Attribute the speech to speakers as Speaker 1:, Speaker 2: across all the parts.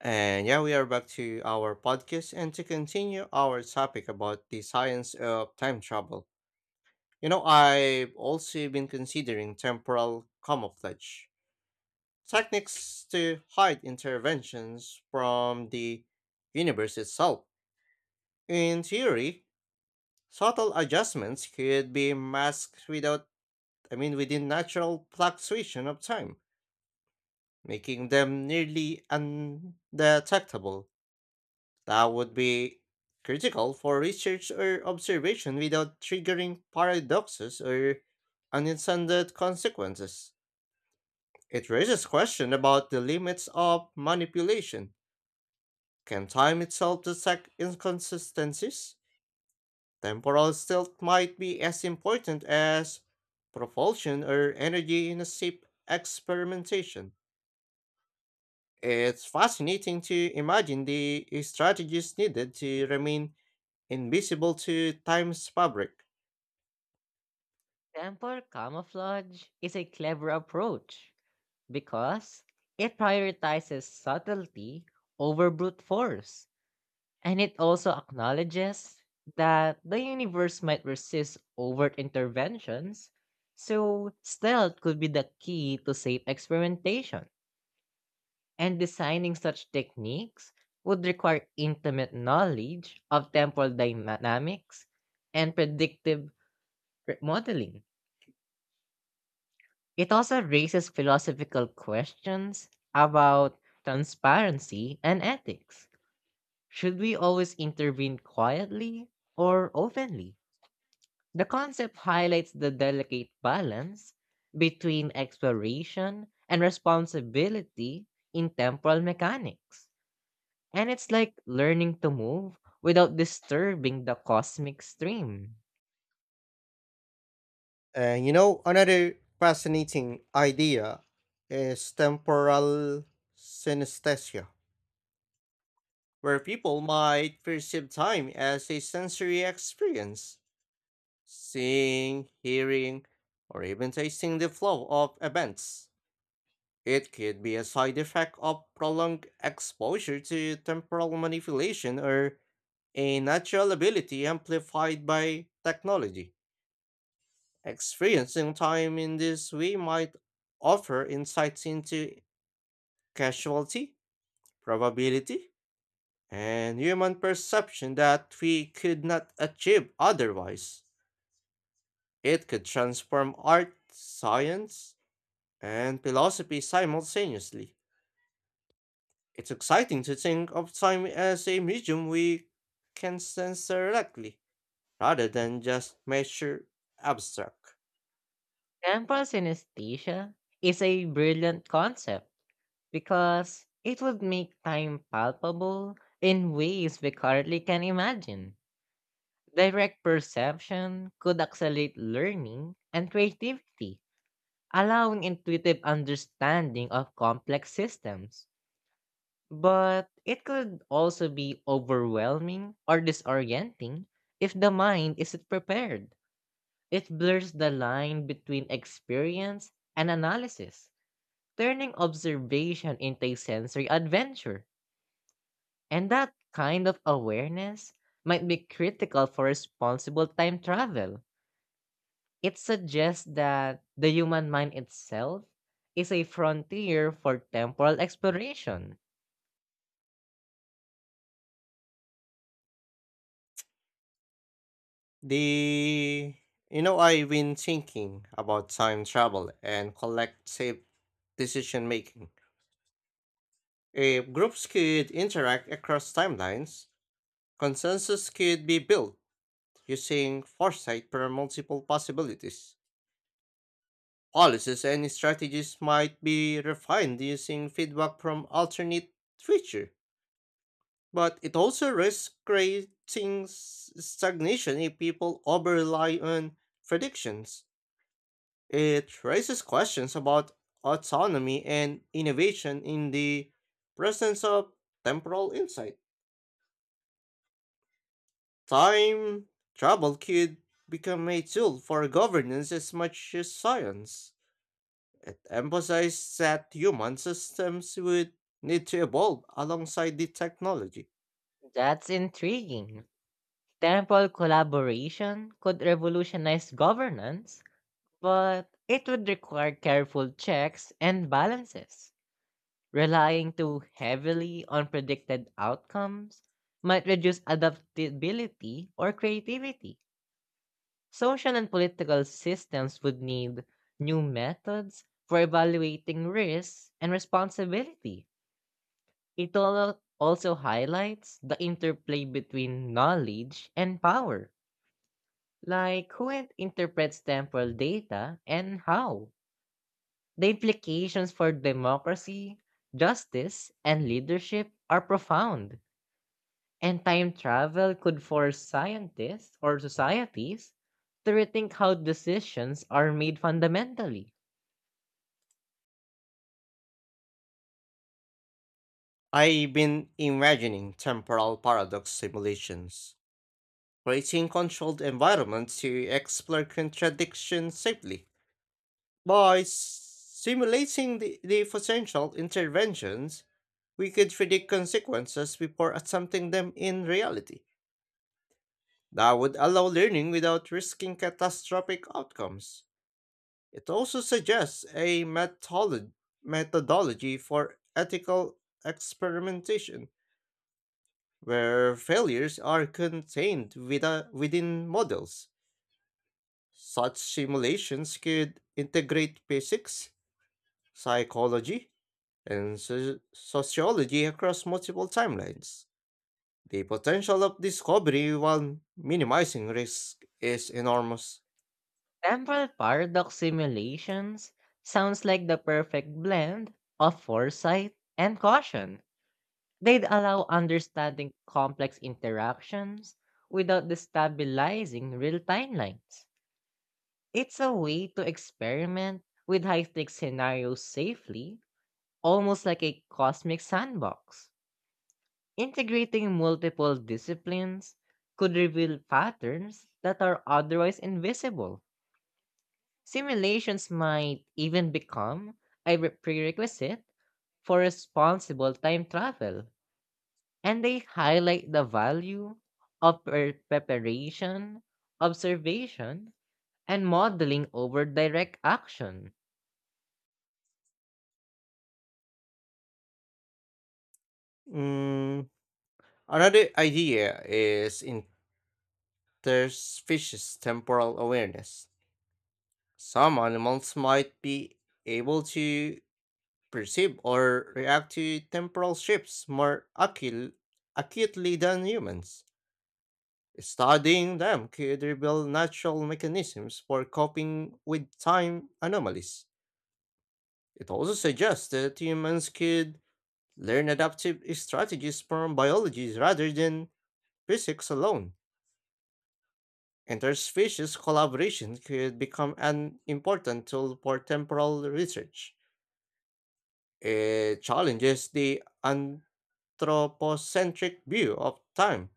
Speaker 1: And yeah, we are back to our podcast and to continue our topic about the science of time travel. You know, I've also been considering temporal camouflage techniques to hide interventions from the universe itself. In theory, subtle adjustments could be masked without, I mean, within natural fluctuation of time, making them nearly undetectable. That would be critical for research or observation without triggering paradoxes or unintended consequences. It raises question about the limits of manipulation. Can time itself detect inconsistencies? Temporal tilt might be as important as propulsion or energy in a ship experimentation. It's fascinating to imagine the strategies needed to remain invisible to time's fabric.
Speaker 2: Temple camouflage is a clever approach because it prioritizes subtlety over brute force, and it also acknowledges that the universe might resist overt interventions, so stealth could be the key to safe experimentation. And designing such techniques would require intimate knowledge of temporal dynamics and predictive modeling. It also raises philosophical questions about transparency and ethics. Should we always intervene quietly or openly? The concept highlights the delicate balance between exploration and responsibility in temporal mechanics. And it's like learning to move without disturbing the cosmic stream.
Speaker 1: And you know, another fascinating idea is temporal synesthesia, where people might perceive time as a sensory experience, seeing, hearing, or even tasting the flow of events. It could be a side effect of prolonged exposure to temporal manipulation or a natural ability amplified by technology. Experiencing time in this way might offer insights into casualty, probability, and human perception that we could not achieve otherwise. It could transform art, science, and philosophy simultaneously. It's exciting to think of time as a medium we can sense directly, rather than just measure abstract.
Speaker 2: Temporal synesthesia is a brilliant concept because it would make time palpable in ways we currently can imagine. Direct perception could accelerate learning and creativity, allowing intuitive understanding of complex systems. But it could also be overwhelming or disorienting if the mind isn't prepared. It blurs the line between experience and analysis, turning observation into a sensory adventure. And that kind of awareness might be critical for responsible time travel. It suggests that the human mind itself is a frontier for temporal exploration.
Speaker 1: The you know I've been thinking about time travel and collective decision making. If groups could interact across timelines, consensus could be built using foresight for multiple possibilities. Policies and strategies might be refined using feedback from alternate future, but it also risks creating stagnation if people over rely on predictions. It raises questions about autonomy and innovation in the presence of temporal insight. Time travel could become a tool for governance as much as science. It emphasized that human systems would need to evolve alongside the technology.
Speaker 2: That's intriguing. Temporal collaboration could revolutionize governance, but it would require careful checks and balances. Relying too heavily on predicted outcomes might reduce adaptability or creativity. Social and political systems would need new methods for evaluating risks and responsibility. It also highlights the interplay between knowledge and power, like who interprets temporal data and how. The implications for democracy, justice, and leadership are profound. And time travel could force scientists or societies to rethink how decisions are made fundamentally.
Speaker 1: I've been imagining temporal paradox simulations, creating controlled environments to explore contradictions safely. By simulating the potential interventions, we could predict consequences before attempting them in reality. That would allow learning without risking catastrophic outcomes. It also suggests a methodology for ethical experimentation, where failures are contained within models. Such simulations could integrate physics, psychology, and sociology across multiple timelines. The potential of discovery while minimizing risk is enormous.
Speaker 2: Temporal paradox simulations sounds like the perfect blend of foresight and caution. They'd allow understanding complex interactions without destabilizing real timelines. It's a way to experiment with high stakes scenarios safely, almost like a cosmic sandbox. Integrating multiple disciplines could reveal patterns that are otherwise invisible. Simulations might even become a prerequisite for responsible time travel, and they highlight the value of preparation, observation, and modeling over direct action.
Speaker 1: Mm, Another idea is interspecies temporal awareness. Some animals might be able to perceive or react to temporal shifts more acutely than humans. Studying them could reveal natural mechanisms for coping with time anomalies. It also suggests that humans could learn adaptive strategies from biology rather than physics alone. Interspecies collaboration could become an important tool for temporal research. It challenges the anthropocentric view of time,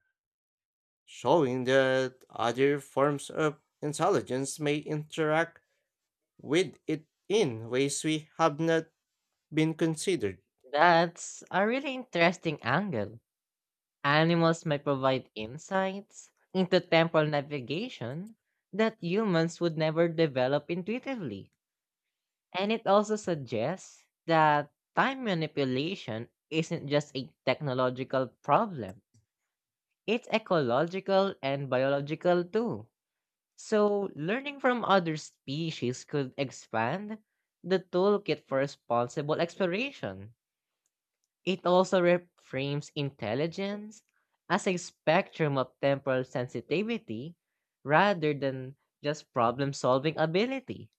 Speaker 1: showing that other forms of intelligence may interact with it in ways we have not been considered.
Speaker 2: That's a really interesting angle. Animals might provide insights into temporal navigation that humans would never develop intuitively. And it also suggests that time manipulation isn't just a technological problem, it's ecological and biological too. So, learning from other species could expand the toolkit for responsible exploration. It also reframes intelligence as a spectrum of temporal sensitivity rather than just problem solving ability.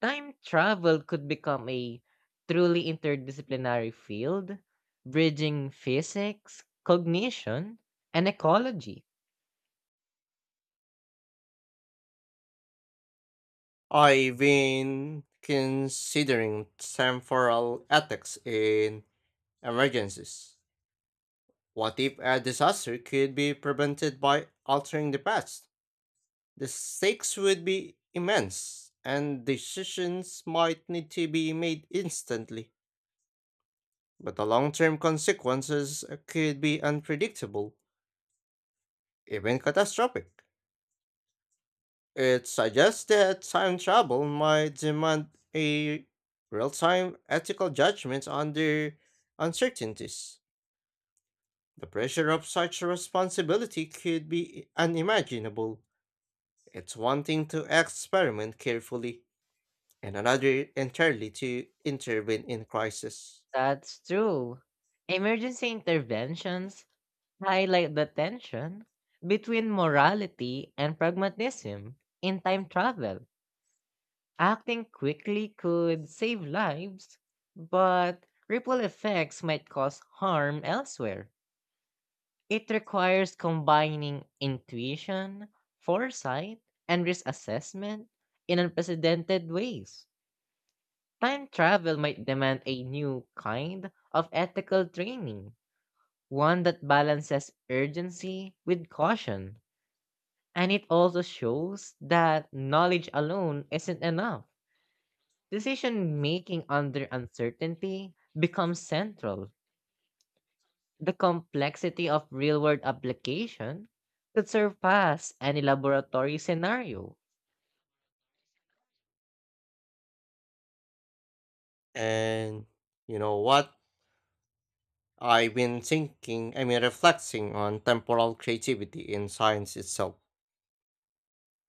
Speaker 2: Time travel could become a truly interdisciplinary field, bridging physics, cognition, and ecology.
Speaker 1: I've been considering temporal ethics in emergencies. What if a disaster could be prevented by altering the past? The stakes would be immense, and decisions might need to be made instantly. But the long term consequences could be unpredictable, even catastrophic. It suggests that time travel might demand a real time ethical judgment under uncertainties. The pressure of such a responsibility could be unimaginable. It's one thing to experiment carefully, and another entirely to intervene in crisis.
Speaker 2: That's true. Emergency interventions highlight the tension between morality and pragmatism in time travel. Acting quickly could save lives, but ripple effects might cause harm elsewhere. It requires combining intuition, foresight, and risk assessment in unprecedented ways. Time travel might demand a new kind of ethical training, one that balances urgency with caution. And it also shows that knowledge alone isn't enough. Decision making under uncertainty becomes central. The complexity of real world application could surpass any laboratory scenario.
Speaker 1: And you know what? I've been reflecting on temporal creativity in science itself.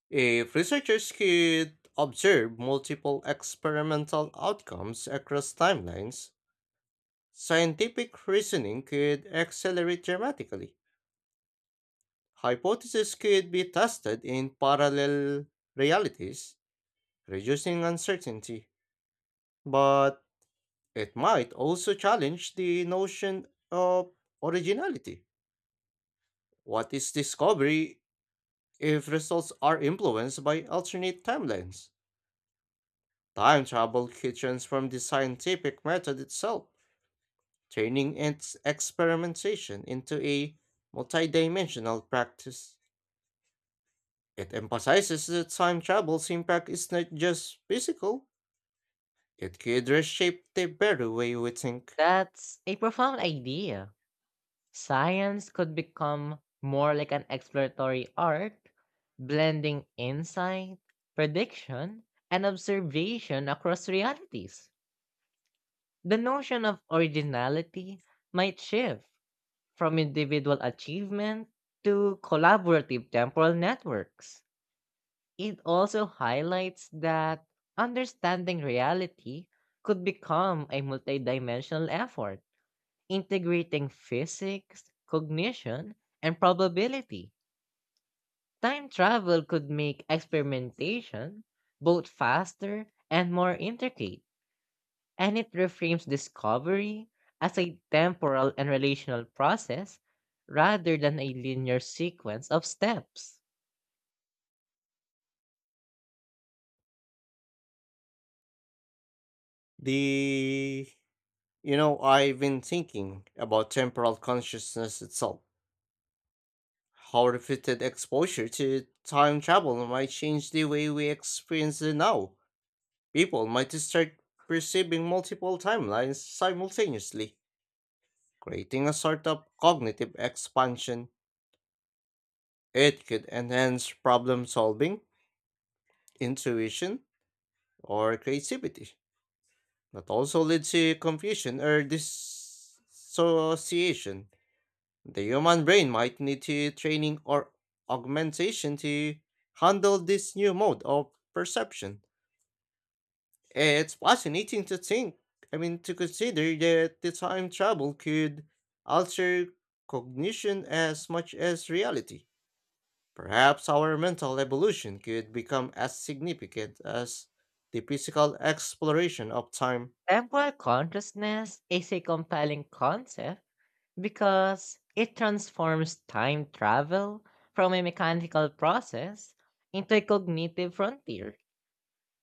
Speaker 1: If researchers could observe multiple experimental outcomes across timelines, scientific reasoning could accelerate dramatically. Hypotheses could be tested in parallel realities, reducing uncertainty. But it might also challenge the notion of originality. What is discovery if results are influenced by alternate timelines? Time travel could transform the scientific method itself, turning its experimentation into a multidimensional practice. It emphasizes that time travel's impact is not just physical, it could reshape the very way we think.
Speaker 2: That's a profound idea. Science could become more like an exploratory art, blending insight, prediction, and observation across realities. The notion of originality might shift from individual achievement to collaborative temporal networks. It also highlights that understanding reality could become a multidimensional effort, integrating physics, cognition, and probability. Time travel could make experimentation both faster and more intricate, and it reframes discovery as a temporal and relational process rather than a linear sequence of steps.
Speaker 1: The I've been thinking about temporal consciousness itself. How repeated exposure to time travel might change the way we experience the now. People might start perceiving multiple timelines simultaneously, creating a sort of cognitive expansion. It could enhance problem solving, intuition, or creativity, but also leads to confusion or dissociation. The human brain might need to training or augmentation to handle this new mode of perception. It's fascinating to think, I mean, to consider that the time travel could alter cognition as much as reality. Perhaps our mental evolution could become as significant as the physical exploration of time.
Speaker 2: Temporal consciousness is a compelling concept because it transforms time travel from a mechanical process into a cognitive frontier.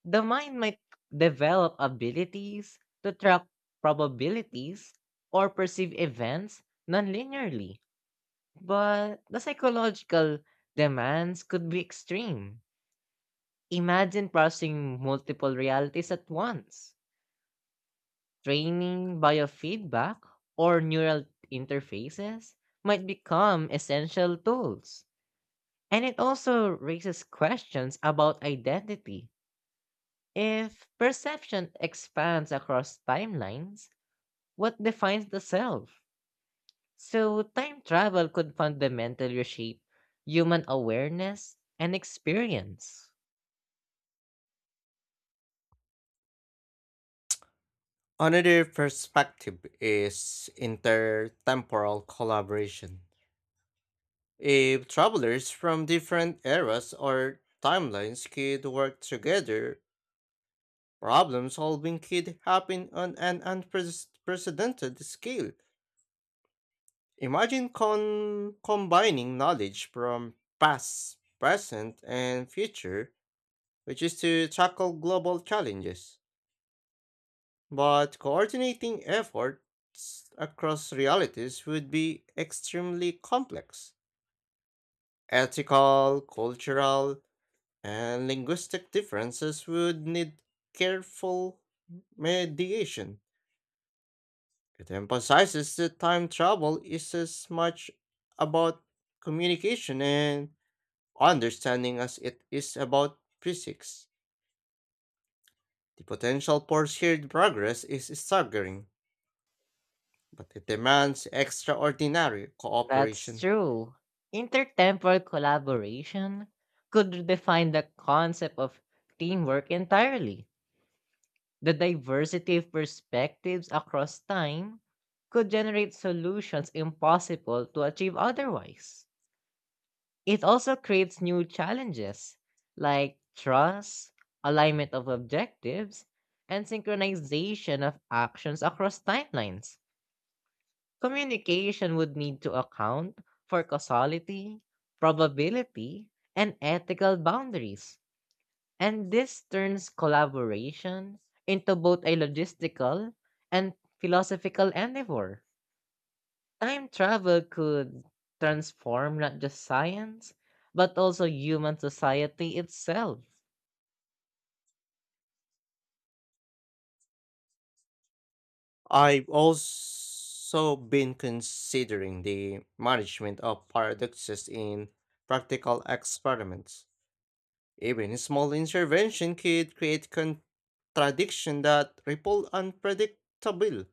Speaker 2: The mind might develop abilities to track probabilities or perceive events non linearly. But the psychological demands could be extreme. Imagine processing multiple realities at once. Training biofeedback or neural interfaces might become essential tools. And it also raises questions about identity. If perception expands across timelines, what defines the self? So, time travel could fundamentally reshape human awareness and experience.
Speaker 1: Another perspective is intertemporal collaboration. If travelers from different eras or timelines could work together, problem solving could happen on an unprecedented scale. Imagine combining knowledge from past, present, and future, which is to tackle global challenges. But coordinating efforts across realities would be extremely complex. Ethical, cultural, and linguistic differences would need careful mediation. It emphasizes that time travel is as much about communication and understanding as it is about physics. The potential for shared progress is staggering, but it demands extraordinary
Speaker 2: That's
Speaker 1: cooperation.
Speaker 2: true. Intertemporal collaboration could redefine the concept of teamwork entirely. The diversity of perspectives across time could generate solutions impossible to achieve otherwise. It also creates new challenges like trust, alignment of objectives, and synchronization of actions across timelines. Communication would need to account for causality, probability, and ethical boundaries. And this turns collaboration into both a logistical and philosophical endeavor. Time travel could transform not just science, but also human society itself.
Speaker 1: I've also been considering the management of paradoxes in practical experiments. Even a small intervention could create contradiction that ripple unpredictable.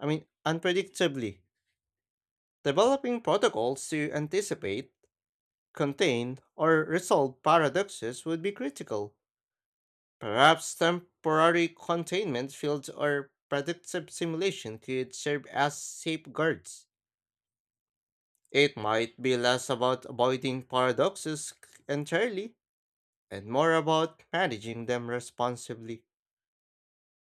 Speaker 1: I mean, unpredictably. Developing protocols to anticipate, contain, or resolve paradoxes would be critical. Perhaps temporary containment fields or predictive simulation could serve as safeguards. It might be less about avoiding paradoxes entirely and more about managing them responsibly.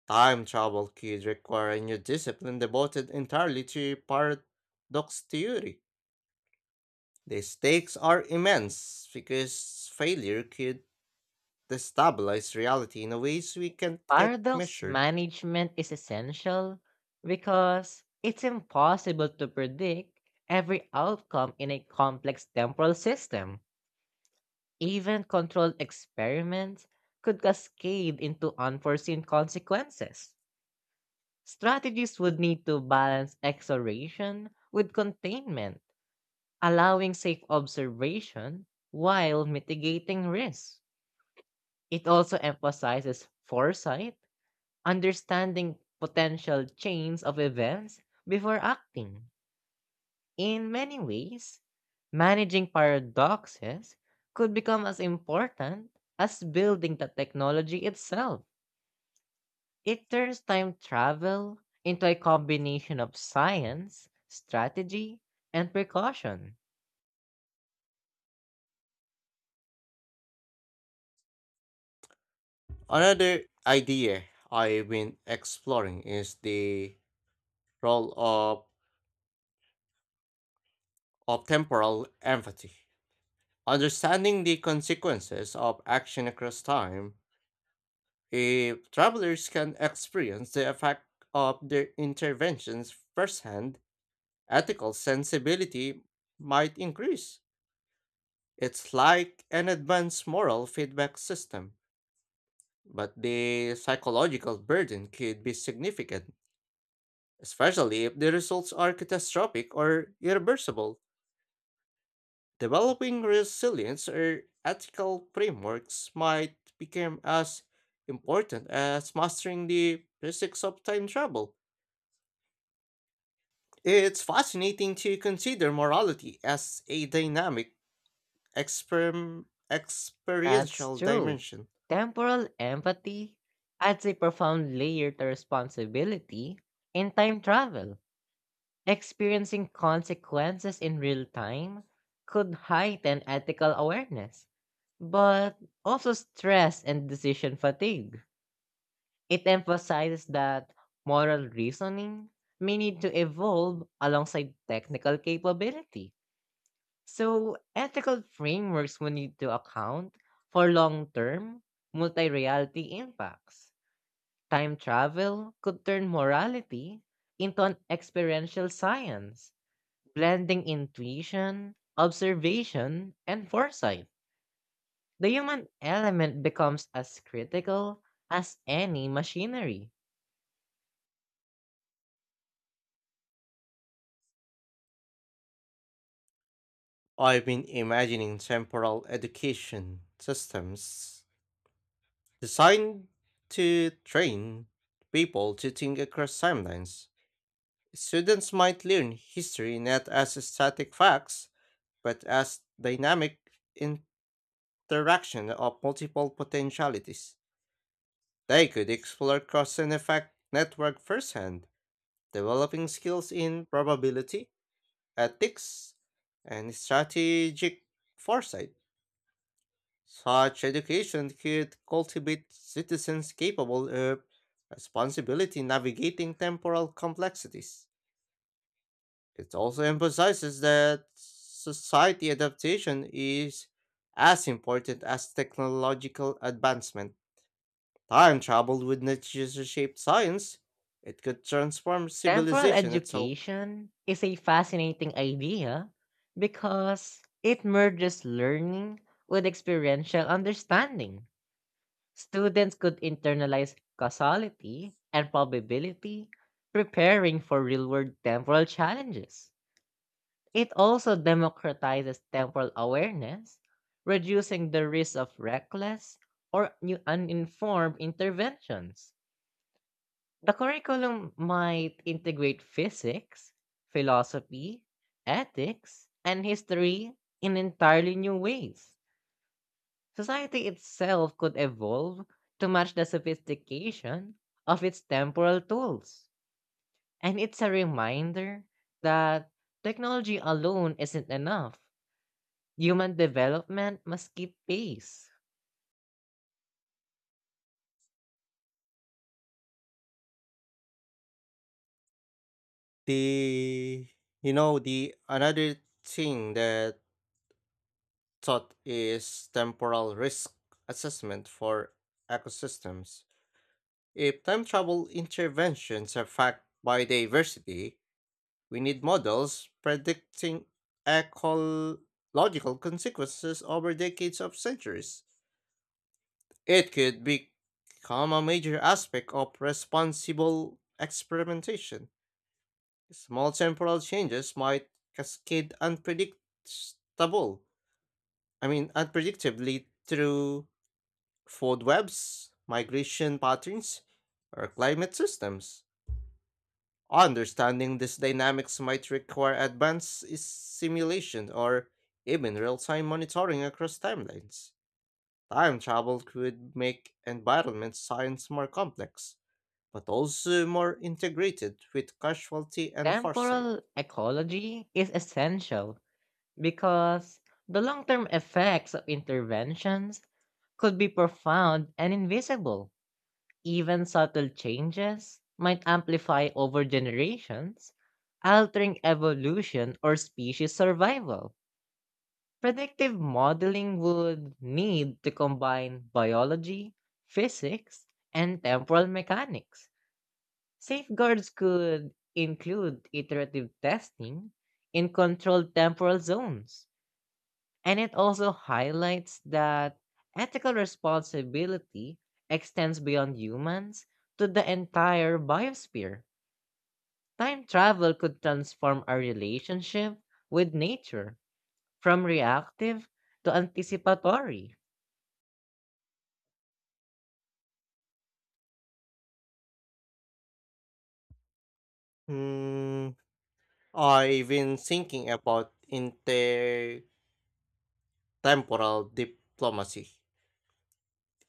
Speaker 1: Time travel could require a new discipline devoted entirely to paradox theory. The stakes are immense because failure could destabilize reality in a ways we can't yet
Speaker 2: Paradox
Speaker 1: measure.
Speaker 2: management is essential because it's impossible to predict every outcome in a complex temporal system. Even controlled experiments could cascade into unforeseen consequences. Strategies would need to balance acceleration with containment, allowing safe observation while mitigating risk. It also emphasizes foresight, understanding potential chains of events before acting. In many ways, managing paradoxes could become as important as building the technology itself. It turns time travel into a combination of science, strategy, and precaution.
Speaker 1: Another idea I've been exploring is the role of temporal empathy. Understanding the consequences of action across time. If travelers can experience the effect of their interventions firsthand, ethical sensibility might increase. It's like an advanced moral feedback system, but the psychological burden could be significant, especially if the results are catastrophic or irreversible. Developing resilience or ethical frameworks might become as important as mastering the physics of time travel. It's fascinating to consider morality as a dynamic,
Speaker 2: That's
Speaker 1: experiential
Speaker 2: true.
Speaker 1: dimension.
Speaker 2: Temporal empathy adds a profound layer to responsibility in time travel. Experiencing consequences in real time could heighten ethical awareness, but also stress and decision fatigue. It emphasizes that moral reasoning may need to evolve alongside technical capability. So, ethical frameworks will need to account for long-term, multi-reality impacts. Time travel could turn morality into an experiential science, blending intuition, observation, and foresight. The human element becomes as critical as any machinery.
Speaker 1: I've been imagining temporal education systems designed to train people to think across timelines. Students might learn history not as static facts, but as dynamic interaction of multiple potentialities. They could explore cause and effect network firsthand, developing skills in probability, ethics, and strategic foresight. Such education could cultivate citizens capable of responsibility navigating temporal complexities. It also emphasizes that society adaptation is as important as technological advancement. Time travel would not just shape science, it could transform
Speaker 2: Temporal
Speaker 1: civilization itself.
Speaker 2: education is a fascinating idea because it merges learning with experiential understanding. Students could internalize causality and probability, preparing for real world temporal challenges. It also democratizes temporal awareness, reducing the risk of reckless or uninformed interventions. The curriculum might integrate physics, philosophy, ethics, and history in entirely new ways. Society itself could evolve to match the sophistication of its temporal tools. And it's a reminder that technology alone isn't enough. Human development must keep pace.
Speaker 1: The you know the another thing that taught is temporal risk assessment for ecosystems. If time travel interventions affect biodiversity, we need models predicting ecological consequences over decades of centuries. It could become a major aspect of responsible experimentation. Small temporal changes might cascade unpredictably through food webs, migration patterns, or climate systems. Understanding these dynamics might require advanced simulation or even real time monitoring across timelines. Time travel could make environment science more complex, but also more integrated with casualty and foresight.
Speaker 2: Temporal ecology is essential because the long term effects of interventions could be profound and invisible. Even subtle changes might amplify over generations, altering evolution or species survival. Predictive modeling would need to combine biology, physics, and temporal mechanics. Safeguards could include iterative testing in controlled temporal zones, and it also highlights that ethical responsibility extends beyond humans to the entire biosphere. Time travel could transform our relationship with nature from reactive to anticipatory.
Speaker 1: Hmm, I've been thinking about intertemporal diplomacy.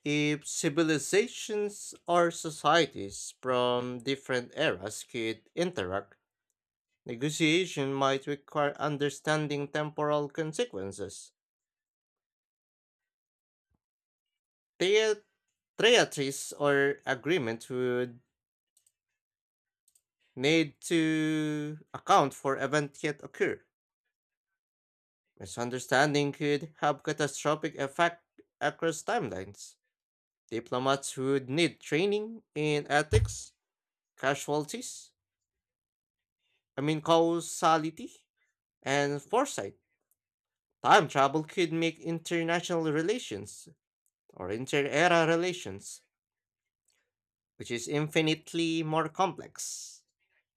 Speaker 1: If civilizations or societies from different eras could interact, negotiation might require understanding temporal consequences. The- Treaties or agreements would need to account for events yet occur. Misunderstanding could have catastrophic effect across timelines. Diplomats would need training in ethics, casualties, I mean causality and foresight, time travel could make international relations or inter era relations, which is infinitely more complex.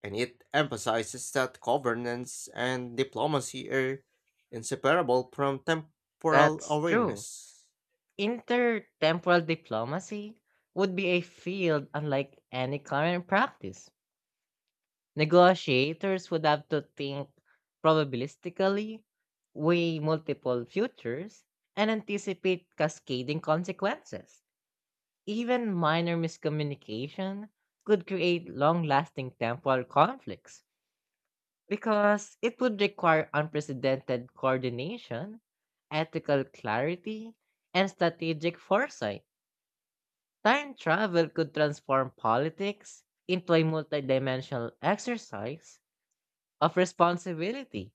Speaker 1: And it emphasizes that governance and diplomacy are inseparable from temporal
Speaker 2: That's true.
Speaker 1: awareness.
Speaker 2: Intertemporal diplomacy would be a field unlike any current practice. Negotiators would have to think probabilistically, weigh multiple futures, and anticipate cascading consequences. Even minor miscommunication could create long lasting temporal conflicts, because it would require unprecedented coordination, ethical clarity, and strategic foresight. Time travel could transform politics into a multidimensional exercise of responsibility.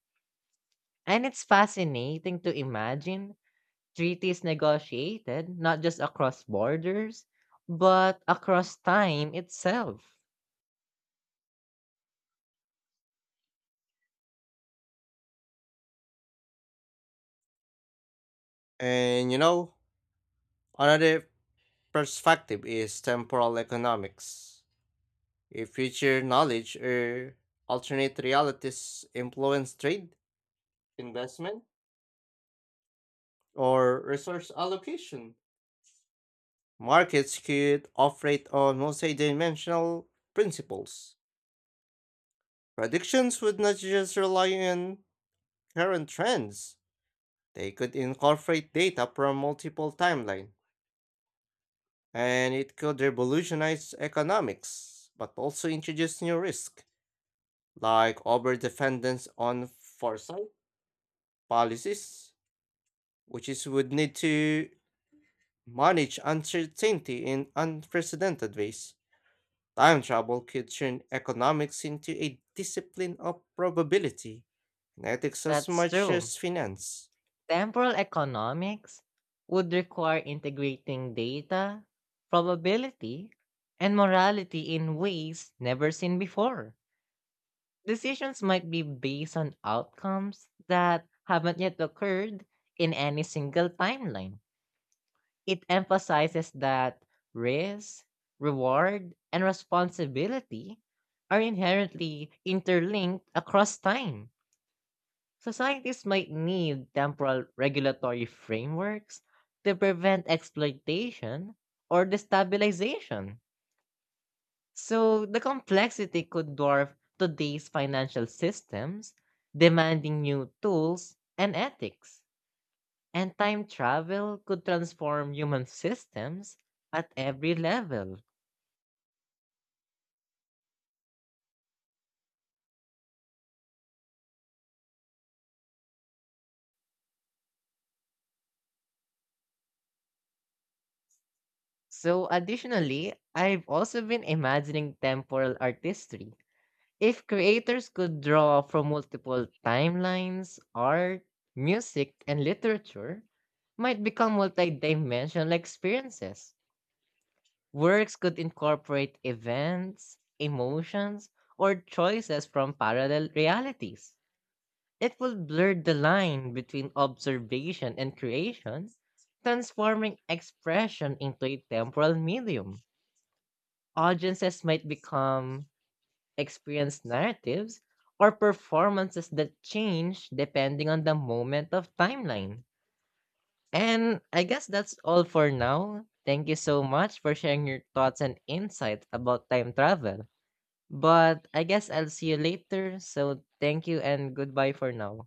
Speaker 2: And it's fascinating to imagine treaties negotiated not just across borders, but across time itself.
Speaker 1: And you know, another perspective is temporal economics. If future knowledge or alternate realities influence trade, investment, or resource allocation. Markets could operate on multi-dimensional principles. Predictions would not just rely on current trends. They could incorporate data from multiple timelines, and it could revolutionize economics, but also introduce new risks, like overdependence on foresight policies, which is would need to manage uncertainty in unprecedented ways. Time travel could turn economics into a discipline of probability, and ethics as
Speaker 2: That's
Speaker 1: much
Speaker 2: true.
Speaker 1: as finance.
Speaker 2: Temporal economics would require integrating data, probability, and morality in ways never seen before. Decisions might be based on outcomes that haven't yet occurred in any single timeline. It emphasizes that risk, reward, and responsibility are inherently interlinked across time. Societies might need temporal regulatory frameworks to prevent exploitation or destabilization. So the complexity could dwarf today's financial systems, demanding new tools and ethics. And time travel could transform human systems at every level. So, additionally, I've also been imagining temporal artistry. If creators could draw from multiple timelines, art, music, and literature, might become multidimensional experiences. Works could incorporate events, emotions, or choices from parallel realities. It will blur the line between observation and creation, transforming expression into a temporal medium. Audiences might become experienced narratives or performances that change depending on the moment of timeline. And I guess that's all for now. Thank you so much for sharing your thoughts and insights about time travel. But I guess I'll see you later. So thank you and goodbye for now.